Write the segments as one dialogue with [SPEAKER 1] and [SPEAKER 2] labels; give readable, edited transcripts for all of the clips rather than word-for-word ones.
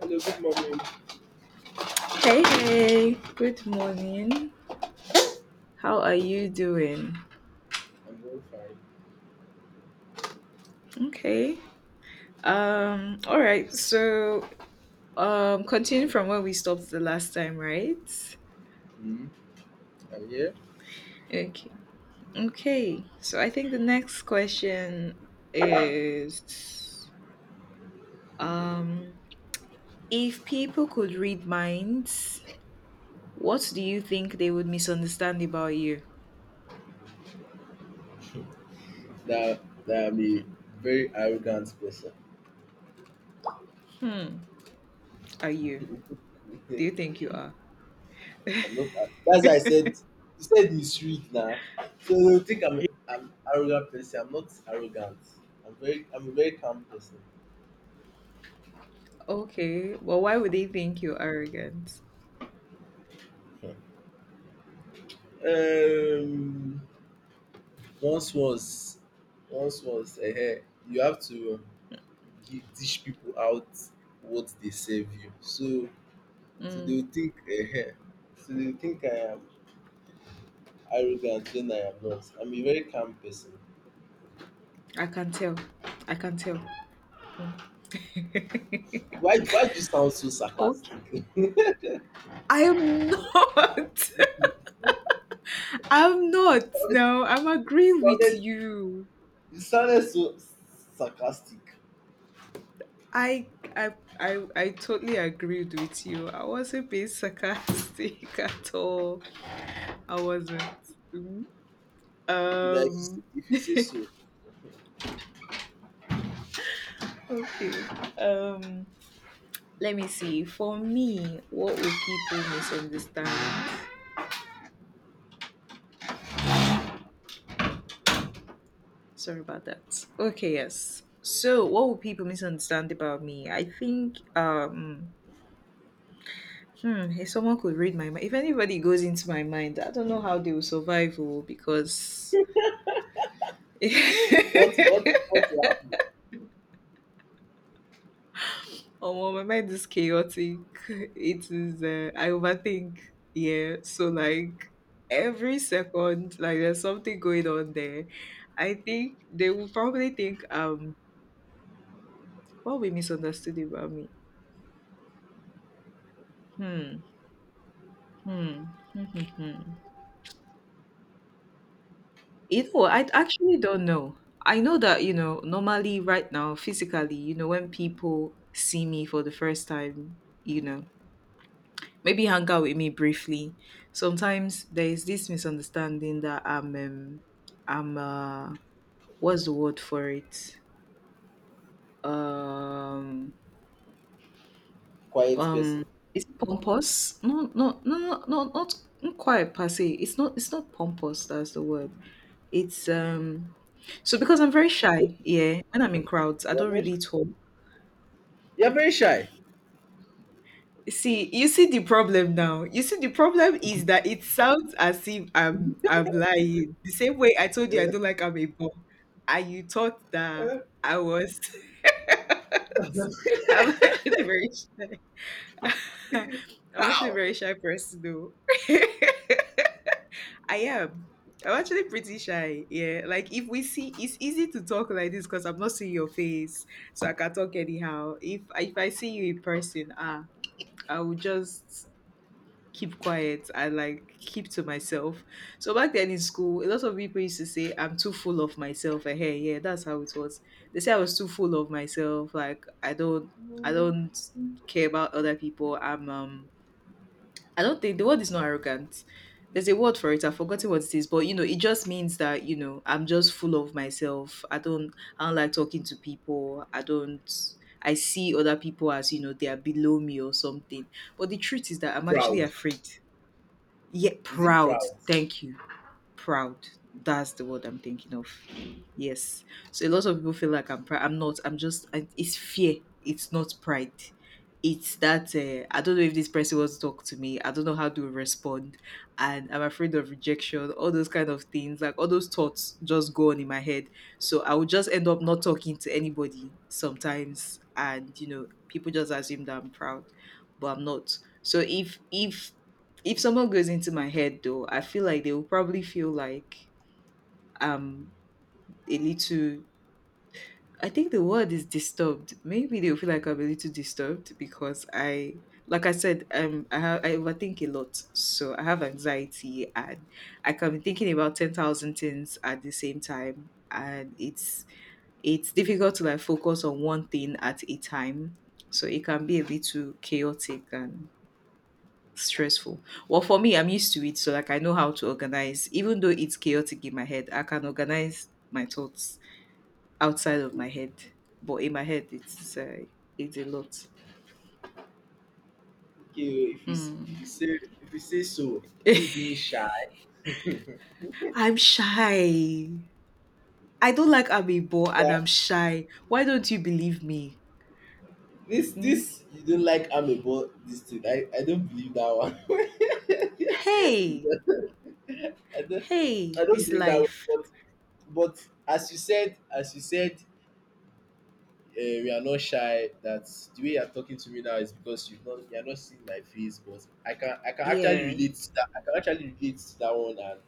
[SPEAKER 1] Hello, good morning.
[SPEAKER 2] Hey, hey, good morning. How are you doing?
[SPEAKER 1] I'm doing fine.
[SPEAKER 2] Okay. All right. Continue from where we stopped the last time, right?
[SPEAKER 1] Hmm. I'm here.
[SPEAKER 2] Okay. Okay. So, I think the next question is um, if people could read minds, what do you think they would misunderstand about you?
[SPEAKER 1] That that I'm a very arrogant person.
[SPEAKER 2] Hmm. Are you? Do
[SPEAKER 1] I'm
[SPEAKER 2] you think you are?
[SPEAKER 1] not. That's why I said you said misread now. So you think I'm arrogant person. I'm not arrogant. I'm a very calm person.
[SPEAKER 2] Okay. Well, why would they think you're arrogant?
[SPEAKER 1] Um, once was once was you have to dish people out what they serve you. So so they
[SPEAKER 2] Mm.
[SPEAKER 1] will think so they will think I am arrogant when I am not. I'm a very calm person.
[SPEAKER 2] I can tell. I can tell.
[SPEAKER 1] Why do you sound so
[SPEAKER 2] Okay.
[SPEAKER 1] sarcastic?
[SPEAKER 2] I am not. I'm not.
[SPEAKER 1] Sounded,
[SPEAKER 2] No, I'm
[SPEAKER 1] you
[SPEAKER 2] agreeing with
[SPEAKER 1] sounded
[SPEAKER 2] you.
[SPEAKER 1] you sounded so sarcastic.
[SPEAKER 2] I I I totally agreed with you. I wasn't being sarcastic at all. I wasn't. Mhm.
[SPEAKER 1] Okay, that if you say,
[SPEAKER 2] Um
[SPEAKER 1] if you say so,
[SPEAKER 2] okay. Um let me see. For me, what would people misunderstand? Sorry about that. Okay, yes. So, what would people misunderstand about me? I think hmm, if someone could read my mind, if anybody goes into my mind, I don't know how they will survive, oh, because
[SPEAKER 1] what will happen?
[SPEAKER 2] oh, well, my mind is chaotic. It is, I overthink. Yeah, so like every second, like there's something going on there. I think they will probably think, what we misunderstood about me. Hmm, hmm, hmm, hmm, hmm. You know, I actually don't know. I know that, you know, normally right now, physically, you know, when people see me for the first time, you know, maybe hang out with me briefly, sometimes there is this misunderstanding that I'm, what's the word for it? Um,
[SPEAKER 1] Quiet person.
[SPEAKER 2] um, is it pompous? No, no, no, no, no, not quite per se. It's not pompous. That's the word. It's so because I'm very shy, yeah. When I'm in crowds, I
[SPEAKER 1] You're
[SPEAKER 2] don't
[SPEAKER 1] very
[SPEAKER 2] really talk.
[SPEAKER 1] you're very shy.
[SPEAKER 2] See, you see the problem now. You see the problem is that it sounds as if I'm lying. The same way I told you I
[SPEAKER 1] Eh?
[SPEAKER 2] don't like I'm a bum, and you thought that I was. I'm actually very shy. I'm actually a
[SPEAKER 1] How
[SPEAKER 2] very shy person though. I am. I'm actually pretty shy. Yeah. Like if we see it's easy to talk like this because I'm not seeing your face. So I can talk anyhow. If I see you in person, ah, I will just keep quiet and like keep to myself. So back then in school, a lot of people used to say I'm too full of myself. And hey, yeah, that's how it was. They say I was too full of myself. Like I don't care about other people. I'm I don't think the word is not arrogant. There's a word for it. I've forgotten what it is, but you know, it just means that you know I'm just full of myself. I don't like talking to people. I don't. I see other people as you know they are below me or something. But the truth is that I'm actually
[SPEAKER 1] proud?
[SPEAKER 2] afraid, yet
[SPEAKER 1] Is it
[SPEAKER 2] proud.
[SPEAKER 1] proud?
[SPEAKER 2] Thank you proud. That's the word I'm thinking of. Yes. So a lot of people feel like I'm proud. I'm not. I'm just. I- It's fear. It's not pride. It's that I don't know if this person wants to talk to me. I don't know how to respond, and I'm afraid of rejection. All those kind of things, like all those thoughts, just go on in my head. So I would just end up not talking to anybody sometimes, and you know, people just assume that I'm proud, but I'm not. So if someone goes into my head though, I feel like they will probably feel like um a little I think the word is disturbed. Maybe they'll feel like I'm a little disturbed because I like I said, I have I overthink a lot. So I have anxiety and I can be thinking about 10,000 things at the same time and it's difficult to like focus on one thing at a time. So it can be a little chaotic and stressful. Well, for me, I'm used to it, so like I know how to organize. Even though it's chaotic in my head, I can organize my thoughts outside of my head. But in my head, it's a lot.
[SPEAKER 1] Okay, if you s-
[SPEAKER 2] Mm.
[SPEAKER 1] if you say so, you being shy.
[SPEAKER 2] I'm shy. I don't
[SPEAKER 1] Okay.
[SPEAKER 2] like Amiibo and I'm shy. Why don't you believe me?
[SPEAKER 1] This
[SPEAKER 2] Mm?
[SPEAKER 1] this you don't like amebo, this thing. I don't believe that one.
[SPEAKER 2] Hey,
[SPEAKER 1] I don't
[SPEAKER 2] hey,
[SPEAKER 1] I don't
[SPEAKER 2] this
[SPEAKER 1] believe that one.
[SPEAKER 2] life.
[SPEAKER 1] But as you said, we are not shy, that the way you're talking to me now is because you're not seeing my face, but I can actually
[SPEAKER 2] Yeah.
[SPEAKER 1] relate to that. I can actually relate to that one, and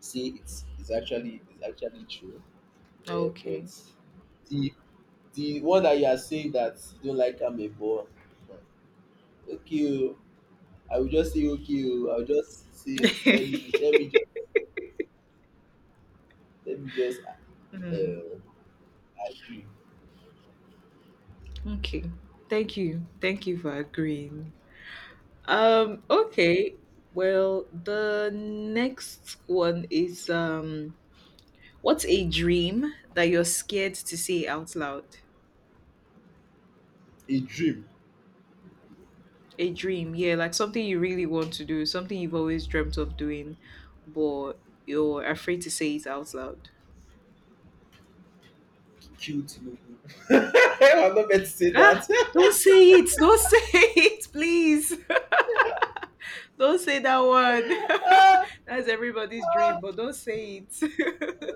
[SPEAKER 1] say it's actually true. But
[SPEAKER 2] Okay.
[SPEAKER 1] the the one that you are saying, that you don't like amebo, okay. Oh. I will just say, okay oh, I will just say let me just
[SPEAKER 2] Mm,
[SPEAKER 1] um agree.
[SPEAKER 2] okay. Thank you. Thank you for agreeing. Okay. Well, the next one is what's a dream that you're scared to say out loud?
[SPEAKER 1] A dream.
[SPEAKER 2] A dream, yeah, like something you really want to do, something you've always dreamt of doing, but you're afraid to say it out loud.
[SPEAKER 1] Kill Tinubu. I'm not meant to say
[SPEAKER 2] Ah,
[SPEAKER 1] that.
[SPEAKER 2] don't say it, don't say it, please. Don't say that one. That's everybody's dream, but don't say it.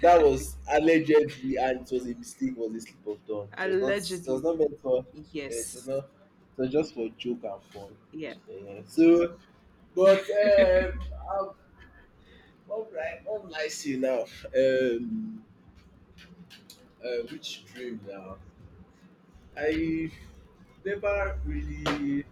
[SPEAKER 1] That was allegedly, and it was a mistake, was a slip of tongue. It was not it was
[SPEAKER 2] Allegedly.
[SPEAKER 1] not meant for eh, it was not
[SPEAKER 2] Yes.
[SPEAKER 1] it was just for joke and fun.
[SPEAKER 2] Yeah.
[SPEAKER 1] So but um I'm, what would I say now? Um which dream now? I never really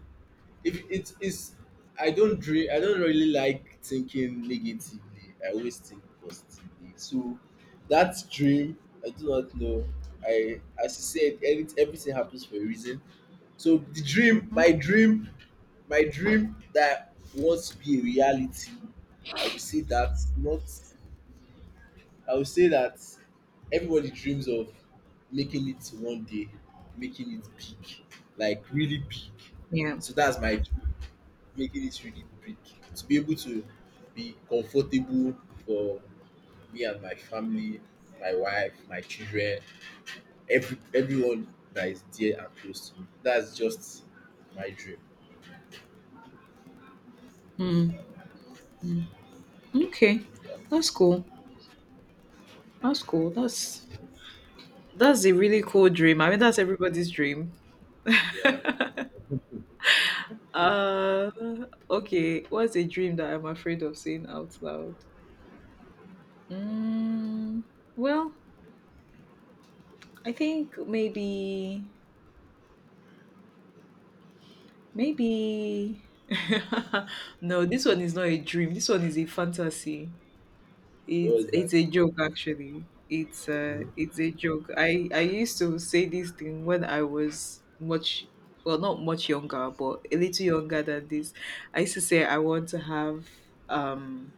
[SPEAKER 1] if it's I don't dream. I don't really like thinking negatively. I always think positively. So that dream, I do not know. I, as you said, everything happens for a reason. So the dream,
[SPEAKER 2] Hmm.
[SPEAKER 1] my dream that wants to be a reality, I will say that not I would say that everybody dreams of making it one day, making it big, like really big.
[SPEAKER 2] Yeah.
[SPEAKER 1] So that's my dream, making it really big. To be able to be comfortable for me and my family, my wife, my children, everyone that is dear and close to me. That's just my dream.
[SPEAKER 2] Hmm. Okay,
[SPEAKER 1] Yeah,
[SPEAKER 2] that's cool. That's cool. That's a really cool dream. I mean, that's everybody's dream.
[SPEAKER 1] yeah.
[SPEAKER 2] uh, okay. What's a dream that I'm afraid of saying out loud? Mm, well, I think maybe. no, this one is not a dream. This one is a fantasy.
[SPEAKER 1] What
[SPEAKER 2] It's
[SPEAKER 1] was that?
[SPEAKER 2] it's a joke actually. It's a joke. I used to say this thing when I was much well not much younger but a little younger than this. I used to say I want to have um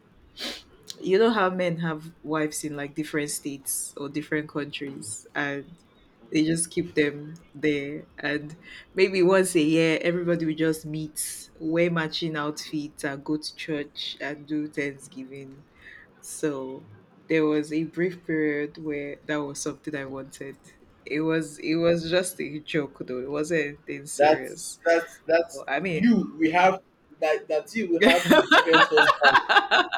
[SPEAKER 2] you know how men have wives in like different states or different countries and they just keep them there and maybe once a year everybody will just meet wear matching outfits and go to church and do thanksgiving so there was a brief period where that was something I wanted. It was just a joke though. It wasn't anything
[SPEAKER 1] That's
[SPEAKER 2] serious.
[SPEAKER 1] that's that's
[SPEAKER 2] Well, I mean,
[SPEAKER 1] you. We have that you will have different husbands, I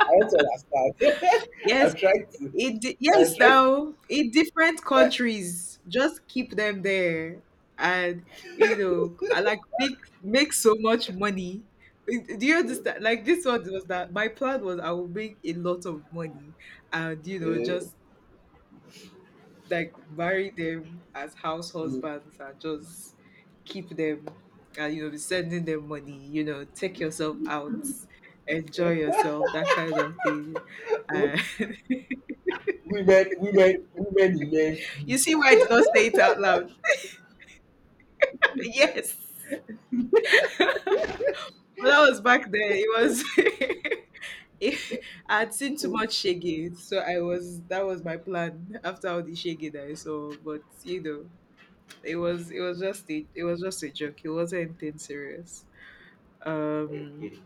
[SPEAKER 1] want to understand.
[SPEAKER 2] yes,
[SPEAKER 1] I'm trying to.
[SPEAKER 2] yes
[SPEAKER 1] I'm trying to.
[SPEAKER 2] now in different countries, just keep them there, and you know, I like make so much money. Do you understand? Like this one was that my plan was I will make a lot of money, and you know
[SPEAKER 1] Eh,
[SPEAKER 2] just like marry them as house
[SPEAKER 1] mm.
[SPEAKER 2] husbands and just keep them and you know be sending them money you know take yourself out enjoy yourself that kind of thing uh,
[SPEAKER 1] Women in men
[SPEAKER 2] you see
[SPEAKER 1] feud.
[SPEAKER 2] why I did not say it out loud yes but that was back then it was it- I had seen too much shaggy so I was that was my plan after all the shaggy that I saw but you know it was just a joke it wasn't anything serious um
[SPEAKER 1] Okay,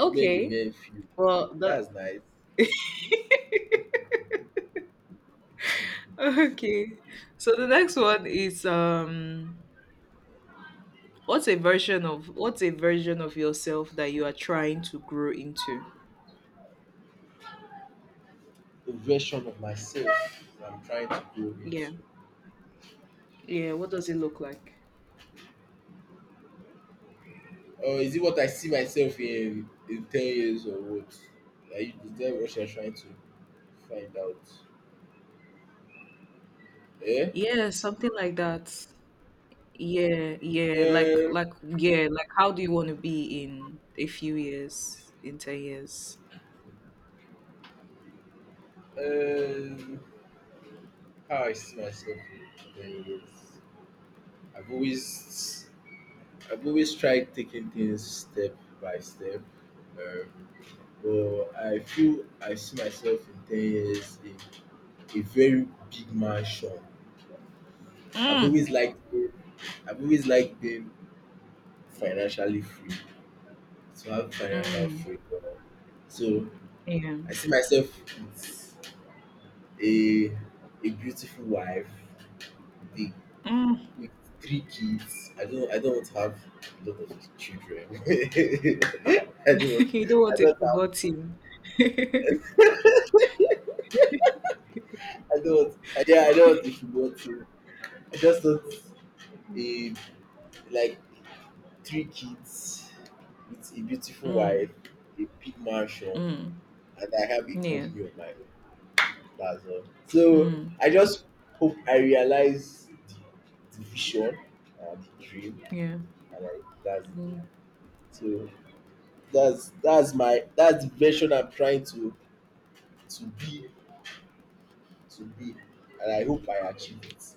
[SPEAKER 1] women in men feud.
[SPEAKER 2] Well, the
[SPEAKER 1] That's nice.
[SPEAKER 2] okay. So the next one is what's a version of what's a version of yourself that you are trying to grow into?
[SPEAKER 1] A version of myself that I'm trying to grow
[SPEAKER 2] Yeah.
[SPEAKER 1] into.
[SPEAKER 2] Yeah, what does it look like?
[SPEAKER 1] Or is it what I see myself in 10 years or what? Is that what you're trying to find out? Eh?
[SPEAKER 2] Yeah, something like that. Yeah, yeah, like
[SPEAKER 1] Um,
[SPEAKER 2] like yeah, like how do you want to be in a few years, in 10 years?
[SPEAKER 1] um, how I see myself in 10 years. I've always I've always tried taking things step by step. Um, but I see myself in 10 years in a very big mansion. I've
[SPEAKER 2] Mm.
[SPEAKER 1] always liked I've always liked being financially free, to have financial
[SPEAKER 2] Mm.
[SPEAKER 1] freedom. So
[SPEAKER 2] Yeah.
[SPEAKER 1] I see myself with a a beautiful wife, with a
[SPEAKER 2] Mm.
[SPEAKER 1] with three kids. I don't have a lot of children.
[SPEAKER 2] you don't
[SPEAKER 1] I
[SPEAKER 2] want a
[SPEAKER 1] don't
[SPEAKER 2] football
[SPEAKER 1] have
[SPEAKER 2] team.
[SPEAKER 1] I don't Yeah, I don't, if you want to. I just want a, like, three kids with a beautiful wife,
[SPEAKER 2] Mm.
[SPEAKER 1] a big mansion,
[SPEAKER 2] Mm.
[SPEAKER 1] and I have a
[SPEAKER 2] Yeah.
[SPEAKER 1] company of my own. That's all. So
[SPEAKER 2] Mm.
[SPEAKER 1] I just hope I realize the, vision and the dream,
[SPEAKER 2] Yeah.
[SPEAKER 1] and that's it.
[SPEAKER 2] Mm.
[SPEAKER 1] So that's the version I'm trying to be to be. And I hope I achieve it.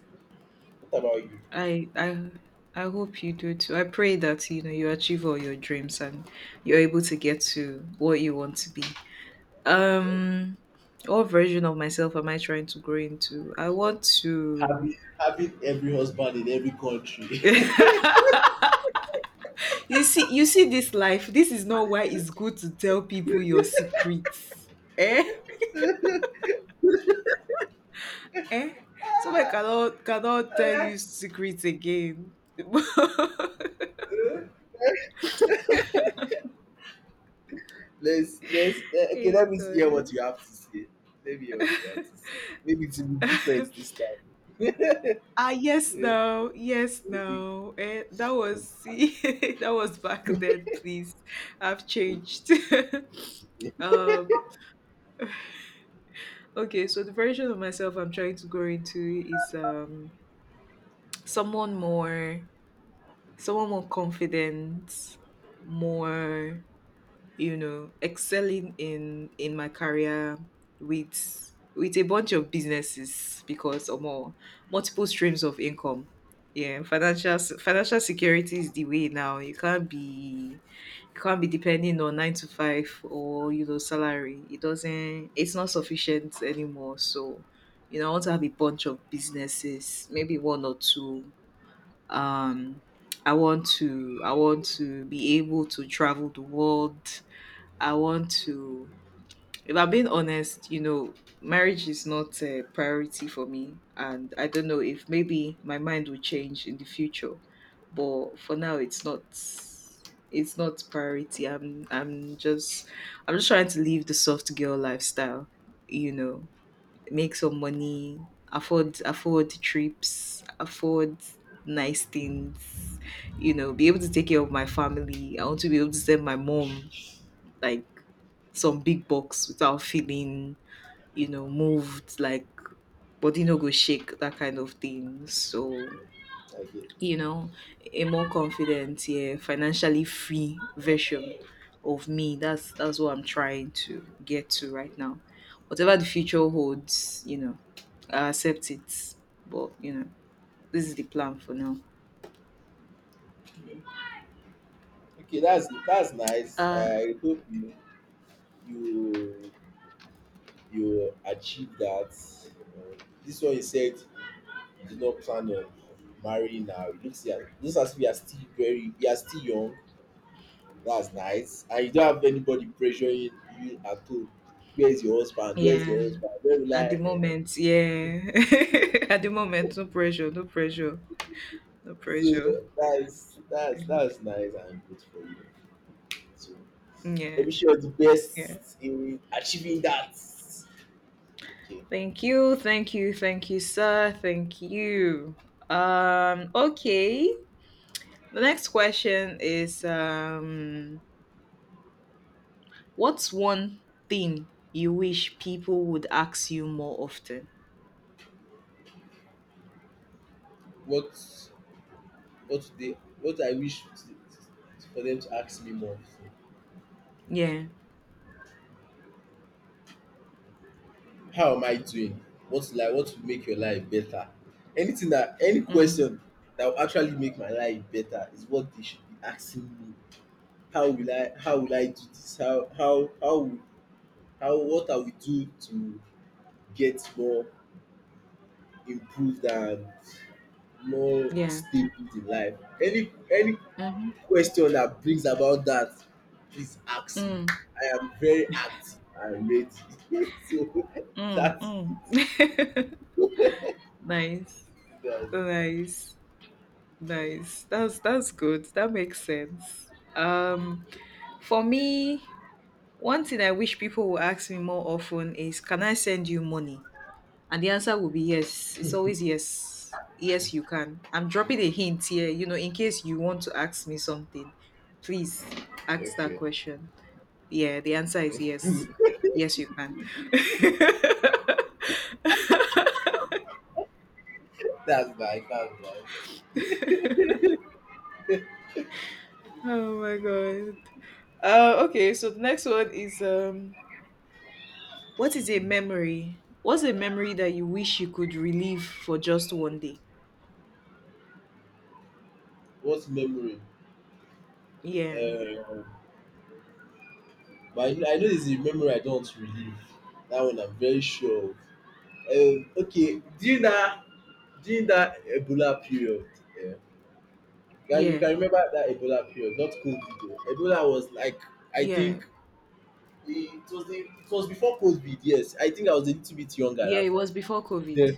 [SPEAKER 1] What about you?
[SPEAKER 2] I I I hope you do too. I pray that you know you achieve all your dreams and you're able to get to what you want to be.
[SPEAKER 1] Yeah.
[SPEAKER 2] Um what version of myself am I trying to grow into? I want to
[SPEAKER 1] Having every husband in every country.
[SPEAKER 2] you see you see this life. This is not why it's good to tell people your secrets. Eh? Eh? So I cannot tell you secrets again.
[SPEAKER 1] Okay, let
[SPEAKER 2] hey
[SPEAKER 1] me hear what
[SPEAKER 2] God.
[SPEAKER 1] you have to say. Let me hear what you have to say. Maybe it will be different this time.
[SPEAKER 2] Ah, yes,
[SPEAKER 1] Eh,
[SPEAKER 2] no, yes,
[SPEAKER 1] eh,
[SPEAKER 2] no. Eh, that was see, that was back then. Please, I've changed.
[SPEAKER 1] eh, eh.
[SPEAKER 2] um, okay, so the version of myself I'm trying to grow into is someone more, someone more confident, more you know, excelling in my career with a bunch of businesses because or more multiple streams of income. Yeah, financial security is the way now. You can't be depending on nine to five or you know salary. It's not sufficient anymore. So, you know, I want to have a bunch of businesses, maybe one or two. Um I want to be able to travel the world I want to. If I'm being honest, you know, marriage is not a priority for me, and I don't know if maybe my mind will change in the future, but for now, it's not. It's not priority. I'm just trying to live the soft girl lifestyle. You know, make some money, afford trips, afford nice things. You know, be able to take care of my family. I want to be able to send my mom like some big box without feeling, you know, moved, like body no go shake, that kind of thing. So,
[SPEAKER 1] okay
[SPEAKER 2] you know, a more confident, yeah, financially free version of me. That's what I'm trying to get to right now. Whatever the future holds, you know, I accept it. But, you know, this is the plan for now.
[SPEAKER 1] okay. That's nice.
[SPEAKER 2] Uh
[SPEAKER 1] I hope you you achieve that. Uh, this one you said did not plan on marrying now. It looks as if you are still young. That's nice. And you don't have anybody pressuring you at all. Where's your husband? Where's your
[SPEAKER 2] yeah,
[SPEAKER 1] husband? Where will
[SPEAKER 2] at the
[SPEAKER 1] I? Eh,
[SPEAKER 2] moment, yeah. At the moment, no pressure, no pressure, no
[SPEAKER 1] So
[SPEAKER 2] pressure.
[SPEAKER 1] that's nice and good for you. So let
[SPEAKER 2] Yeah,
[SPEAKER 1] me sure the
[SPEAKER 2] yeah.
[SPEAKER 1] best in achieving that. Okay.
[SPEAKER 2] Thank you, thank you, thank you, sir. Thank you. Okay. The next question is what's one thing you wish people would ask you more often?
[SPEAKER 1] What what do they what I wish to- for them to ask me more.
[SPEAKER 2] Yeah.
[SPEAKER 1] How am I doing? What's like what will make your life better? Any
[SPEAKER 2] Mm,
[SPEAKER 1] question that will actually make my life better is what they should be asking me. How will I do this? How will how What I will do to get more improved and more
[SPEAKER 2] yeah.
[SPEAKER 1] stable in life? Any
[SPEAKER 2] Mm-hmm.
[SPEAKER 1] question that brings about that, please ask me.
[SPEAKER 2] Mm,
[SPEAKER 1] I am very active and ready. So,
[SPEAKER 2] mm,
[SPEAKER 1] that's
[SPEAKER 2] mm.
[SPEAKER 1] it.
[SPEAKER 2] Nice.
[SPEAKER 1] That's
[SPEAKER 2] Nice. Nice. That's good. That makes sense. Um, for me, one thing I wish people would ask me more often is can I send you money? And the answer will be yes. It's always yes. Yes, you can. I'm dropping a hint here, in case you want to ask me something, please ask that
[SPEAKER 1] okay.
[SPEAKER 2] question. Yeah, the answer is yes. Yes, you can.
[SPEAKER 1] That's bad. That's bad.
[SPEAKER 2] Oh my god. Okay, so the next one is what is a
[SPEAKER 1] Hmm.
[SPEAKER 2] memory? What's a memory that you wish you could relive for just one day?
[SPEAKER 1] What memory?
[SPEAKER 2] Yeah,
[SPEAKER 1] Um, but I know, it's a memory I don't want to relive. That one I'm very sure of. Okay, during that Ebola period, yeah,
[SPEAKER 2] yeah,
[SPEAKER 1] can remember that Ebola period? Not COVID, though. Ebola was like, I
[SPEAKER 2] yeah,
[SPEAKER 1] think it was the, it was before COVID. Yes, I think I was a little bit younger
[SPEAKER 2] yeah. It
[SPEAKER 1] at that time.
[SPEAKER 2] was before COVID.
[SPEAKER 1] Then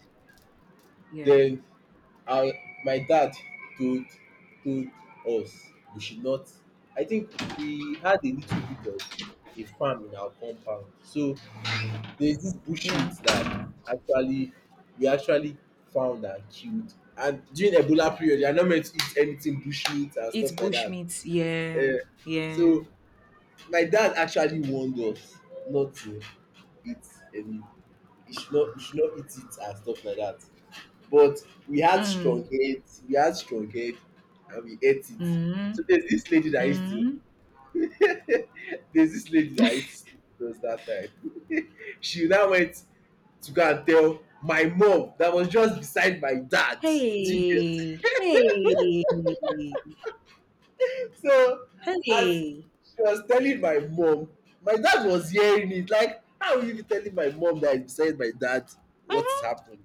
[SPEAKER 2] Yeah,
[SPEAKER 1] Then I my dad told told us we should not. I think we had a little bit of a farm in our compound. So there's this bushmeat
[SPEAKER 2] yeah.
[SPEAKER 1] that actually we actually found and killed. And during Ebola period, you are not meant to eat anything bushmeat and
[SPEAKER 2] Eat
[SPEAKER 1] stuff like that.
[SPEAKER 2] bushmeat. Yeah.
[SPEAKER 1] Eh,
[SPEAKER 2] Yeah.
[SPEAKER 1] so my dad actually warned us not to eat any. You should not eat it and stuff like that. But
[SPEAKER 2] Mm.
[SPEAKER 1] we had strong head and we ate it. So
[SPEAKER 2] Mm.
[SPEAKER 1] there's this lady that used to
[SPEAKER 2] Mm.
[SPEAKER 1] There's this lady that used to sleep with us that time. She now went to go and tell my mom that was just beside my dad. Do you get?
[SPEAKER 2] Hey. Hey.
[SPEAKER 1] So as
[SPEAKER 2] Hey.
[SPEAKER 1] she was telling my mom, my dad was hearing it. Like, how will you be telling my mom that is beside my dad? What is happening?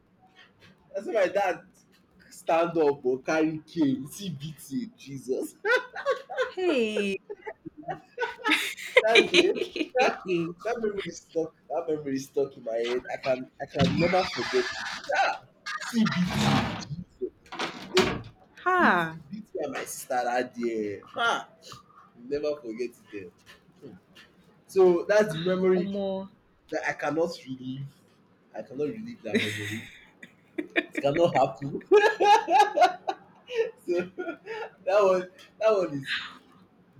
[SPEAKER 1] Na so my dad stand up or carry cane see beat him Jesus.
[SPEAKER 2] Hey.
[SPEAKER 1] That day, that that memory is stuck. That memory is stuck in my head. I can never forget it. Yeah, see BT, Jesus. They
[SPEAKER 2] Ha.
[SPEAKER 1] beat beat me and my sister that day. Ah, never forget it. Eh. So that's the memory
[SPEAKER 2] Omo.
[SPEAKER 1] that I cannot relive. I cannot relive that memory. It cannot happen. So, one that one is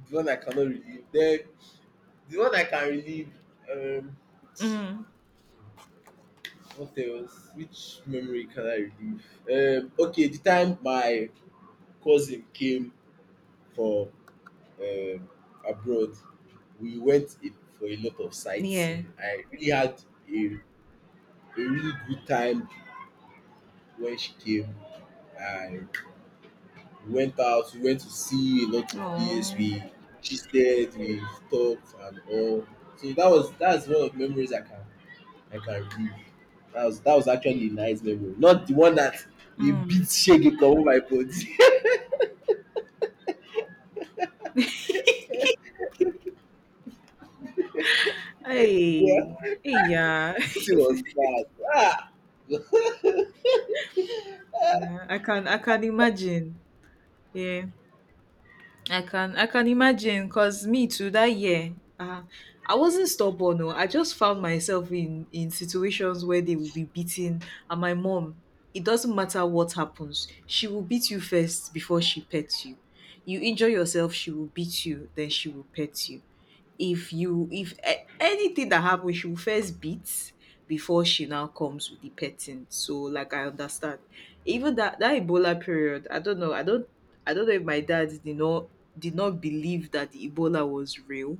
[SPEAKER 1] the one I cannot relive. Then the one I can relive. Um,
[SPEAKER 2] Mm.
[SPEAKER 1] What else? Which memory can I relive? Okay, the time my cousin came from, um, abroad, we went in for a lot of
[SPEAKER 2] Yeah.
[SPEAKER 1] sightseeing. I really had a, a really good time when she came. And we went out, we went to see a lot of places,
[SPEAKER 2] Oh.
[SPEAKER 1] we gisted, we talked and all. So that's one of the memories I can read. That was actually a nice memory. Not the one that they beat
[SPEAKER 2] Mm.
[SPEAKER 1] Shege over my body.
[SPEAKER 2] Hey.
[SPEAKER 1] Yeah,
[SPEAKER 2] Hey. Yeah.
[SPEAKER 1] beating was bad. Ah,
[SPEAKER 2] Yeah, I can. I can imagine. Yeah. I can imagine because me too that year, I wasn't stubborn, no, I just found myself in situations where they will be beating, and my mom, it doesn't matter what happens, she will beat you first before she pets you. You injure yourself, she will beat you then she will pet you. If you if a- Anything that happens, she will first beat before she now comes with the petting. So like I understand, even that Ebola period, I don't know if my dad did not believe that the Ebola was real,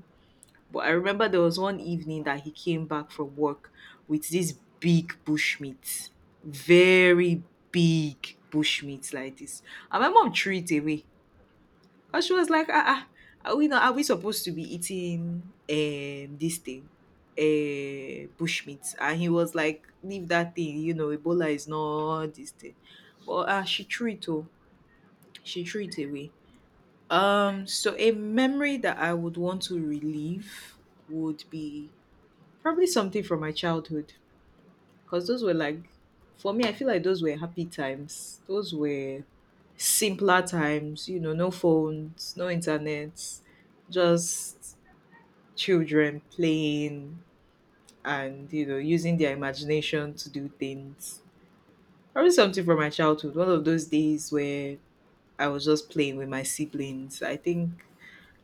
[SPEAKER 2] but I remember there was one evening that he came back from work with this big bush meat, very big bush meat like this, and my mom threw it away because she was like, ah, ah, are we not? Are we supposed to be eating this thing, bush meat? And he was like, leave that thing. You know, Ebola is not this thing. But ah, she threw it. Oh, she threw it away. So a memory that I would want to relive would be probably something from my childhood, because those were like, for me, I feel like those were happy times. Those were simpler times, you know, no phones, no internet, just children playing and, you know, using their imagination to do things. Probably something from my childhood, one of those days where I was just playing with my siblings.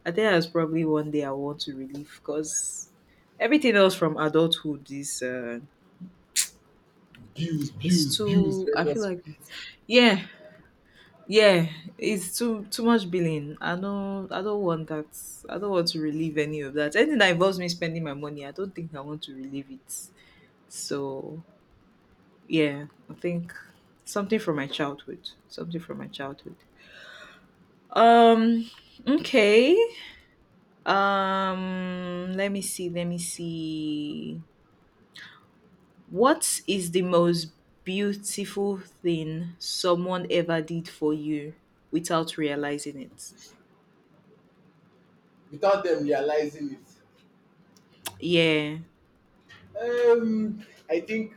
[SPEAKER 2] I think that's probably one day I want to relive because everything else from adulthood is
[SPEAKER 1] bills, bills, bills.
[SPEAKER 2] too,
[SPEAKER 1] That
[SPEAKER 2] I feel
[SPEAKER 1] was
[SPEAKER 2] like.
[SPEAKER 1] split
[SPEAKER 2] Yeah, yeah, it's too much billing. I don't want that. I don't want to relieve any of that. Anything that involves me spending my money, I don't think I want to relieve it. So yeah, I think something from my childhood. Something from my childhood. Um okay. Um, let me see, let me see. What is the most beautiful thing someone ever did for you without realizing it?
[SPEAKER 1] without them realizing
[SPEAKER 2] Yeah.
[SPEAKER 1] it. I think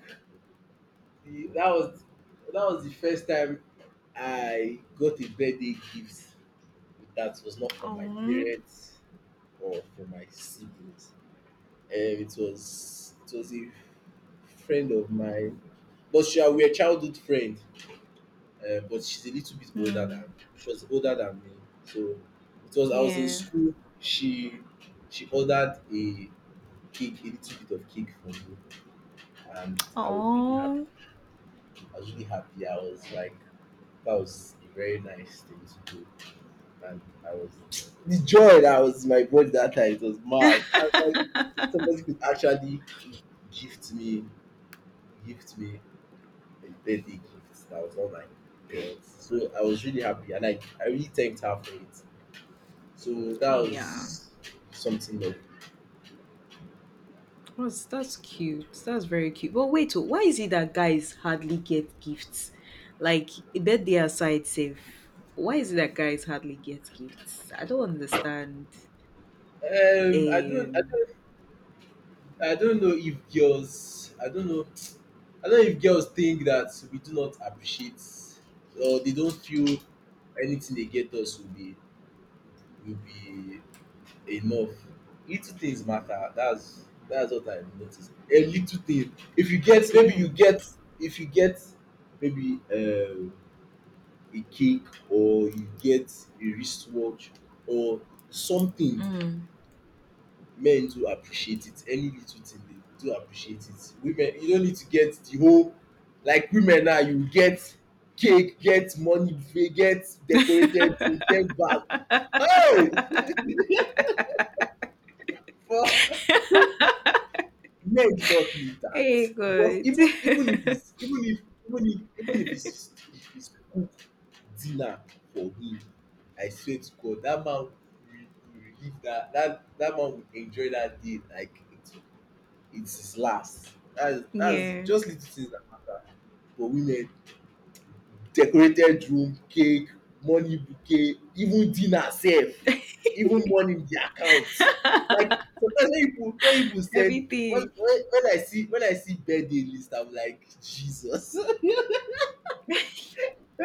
[SPEAKER 1] the, that was that was the first time I got a birthday gift that was not from my
[SPEAKER 2] Oh.
[SPEAKER 1] parents or from my siblings. It was a friend of mine, but she we are childhood friend. But she's a little bit older
[SPEAKER 2] Mm,
[SPEAKER 1] than me. So it was I was in
[SPEAKER 2] yeah.
[SPEAKER 1] school. She she ordered a cake, a little bit of cake for me, and I was really happy.
[SPEAKER 2] Oh,
[SPEAKER 1] I was really happy. I was like, that was a very nice thing to do, and I was the joy that was in my body that time. It was mad. I was like, somebody could actually gift me gift me a birthday gift that was not my parents. So I was really happy and I really thanked her for it. So that
[SPEAKER 2] yeah.
[SPEAKER 1] was something that,
[SPEAKER 2] That's cute. That's very cute. But wait, oh, why is it that guys hardly get gifts? Like birthday aside, safe. Why is it that guys hardly get gifts? I don't understand.
[SPEAKER 1] um I don't I
[SPEAKER 2] Um.
[SPEAKER 1] don't I don't know if girls — I don't know if girls think that we do not appreciate, or they don't feel anything they get us will be will be enough. Little things matter. That's what I've noticed. A little thing. If you get maybe
[SPEAKER 2] Yeah.
[SPEAKER 1] you get if you get maybe a cake, or you get a wristwatch or something,
[SPEAKER 2] Mm.
[SPEAKER 1] men do appreciate it. Any little thing they do appreciate it. Women, you don't need to get the whole, like, women, now you get cake, get money buffet, get decorated food, get bag. Hey! For men do not need that,
[SPEAKER 2] Hey,
[SPEAKER 1] because
[SPEAKER 2] good.
[SPEAKER 1] even even if it's even if even if even if it's cook dinner for him, I swear to God, that man will live that man will enjoy that day like it's his last. that's that's
[SPEAKER 2] Yeah.
[SPEAKER 1] just little things that matter. For women, decorated room, cake, money bouquet, even dinner sef, even money in the account. Like, sometimes, when people send
[SPEAKER 2] Everything.
[SPEAKER 1] when I see birthday list, I'm like, Jesus.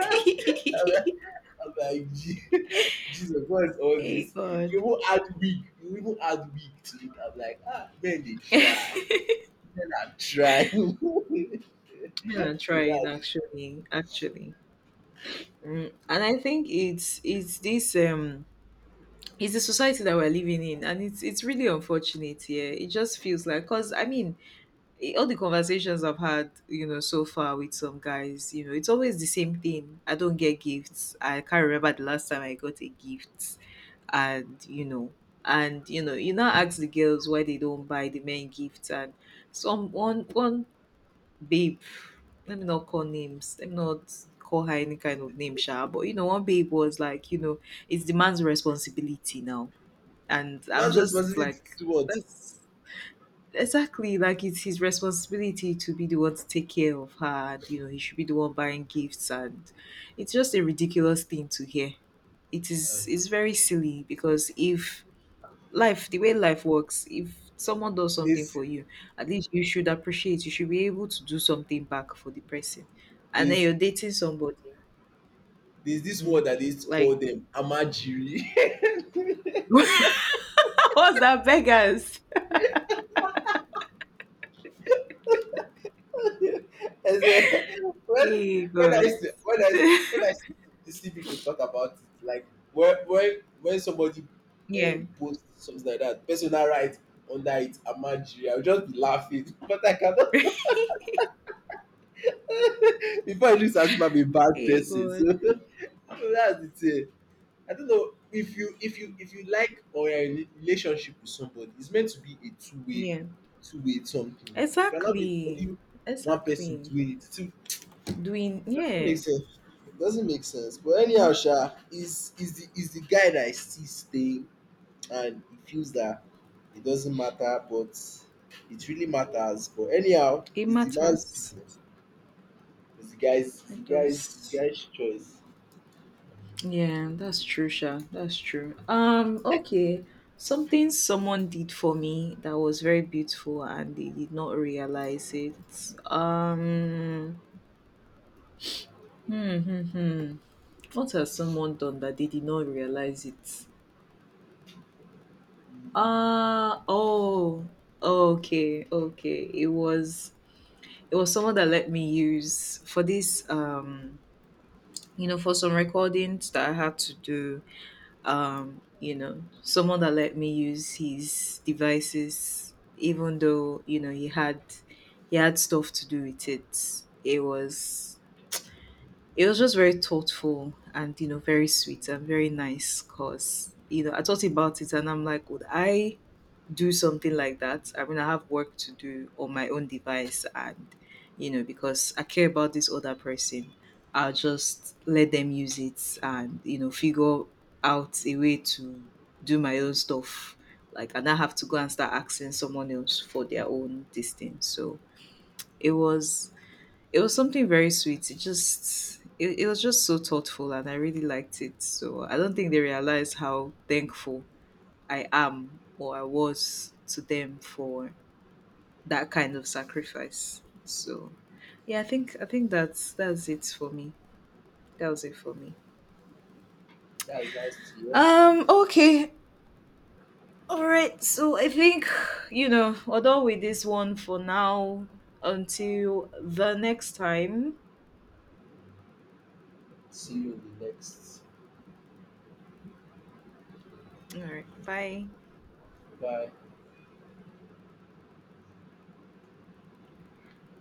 [SPEAKER 1] I'm like, Jesus, what is all
[SPEAKER 2] Hey,
[SPEAKER 1] this?
[SPEAKER 2] God.
[SPEAKER 1] You even add week to it." I'm like, ah, men they
[SPEAKER 2] Men
[SPEAKER 1] try. Men are trying. So,
[SPEAKER 2] are trying,
[SPEAKER 1] that,
[SPEAKER 2] actually, actually. Mm. And I think it's this it's the society that we're living in, and it's really unfortunate. Yeah, it just feels like, because I mean, all the conversations I've had, you know, so far with some guys, you know, it's always the same thing, I don't get gifts, I can't remember the last time I got a gift. And you know, you now ask the girls why they don't buy the men gifts. And some one one babe, let me not call her any kind of name sha, but you know, one babe was like, you know, it's the man's responsibility now. And I'm
[SPEAKER 1] man's
[SPEAKER 2] just
[SPEAKER 1] responsibility to
[SPEAKER 2] like,
[SPEAKER 1] do what?
[SPEAKER 2] that's exactly, like it's his responsibility to be the one to take care of her. And, you know, he should be the one buying gifts. And it's just a ridiculous thing to hear. It
[SPEAKER 1] Uh,
[SPEAKER 2] is, it's very silly because if life, the way life works, if someone does something
[SPEAKER 1] this
[SPEAKER 2] for you, at least you should appreciate, you should be able to do something back for the person. And then
[SPEAKER 1] this
[SPEAKER 2] you're dating somebody.
[SPEAKER 1] There's this
[SPEAKER 2] Mm,
[SPEAKER 1] word that they used to call
[SPEAKER 2] like,
[SPEAKER 1] them, amajiri.
[SPEAKER 2] what's that, beggars?
[SPEAKER 1] As a, when
[SPEAKER 2] Hey,
[SPEAKER 1] when I
[SPEAKER 2] God.
[SPEAKER 1] used to, when I used to see people talk about it, like, when somebody
[SPEAKER 2] Yeah.
[SPEAKER 1] posts something like that, personal, right under it, amajiri, I would just be laughing, but I cannot, before it looks as if I'm a bad
[SPEAKER 2] Hey,
[SPEAKER 1] person. So,
[SPEAKER 2] good.
[SPEAKER 1] so that's the thing. I don't know, if you if you like, or you're in a relationship with somebody, it's meant to be a
[SPEAKER 2] Yeah,
[SPEAKER 1] two-way something. It cannot be
[SPEAKER 2] exactly.
[SPEAKER 1] only one person
[SPEAKER 2] Exactly.
[SPEAKER 1] doing it. It
[SPEAKER 2] Doing,
[SPEAKER 1] doesn't make
[SPEAKER 2] yeah,
[SPEAKER 1] sense. It doesn't make sense. But
[SPEAKER 2] mm,
[SPEAKER 1] anyhow, Sha is, is the guy that is still staying, and he feels that it doesn't matter, but it really matters. But anyhow,
[SPEAKER 2] it
[SPEAKER 1] it's the man's
[SPEAKER 2] matters.
[SPEAKER 1] business.
[SPEAKER 2] It
[SPEAKER 1] It's the
[SPEAKER 2] does.
[SPEAKER 1] guy's choice.
[SPEAKER 2] Yeah, that's true, Sha. That's true. Okay. Something someone did for me that was very beautiful and they did not realize it. Um, hmm, hmm, hmm. What has someone done that they did not realize it? Oh, okay, okay. It was someone that let me use for this you know, for some recordings that I had to do. Um, you know, someone that let me use his devices even though, you know, he had stuff to do with it. It was just very thoughtful and you know, very sweet and very nice because you know, I thought about it and I'm like, would I do something like that? I mean, I have work to do on my own device, and you know, because I care about this other person, I'll just let them use it and you know, figure out a way to do my own stuff. Like, and I have to go and start asking someone else for their own this thing. So it was. It was something very sweet. It was just so thoughtful and I really liked it. So I don't think they realized how thankful I am, or I was to them, for that kind of sacrifice. So yeah, I think that's it for me. That was it for me.
[SPEAKER 1] That's nice to hear.
[SPEAKER 2] Um, okay. All right. So I think, you know, we're done with this one for now until the next time.
[SPEAKER 1] See you in the next.
[SPEAKER 2] All right. Bye.
[SPEAKER 1] Bye.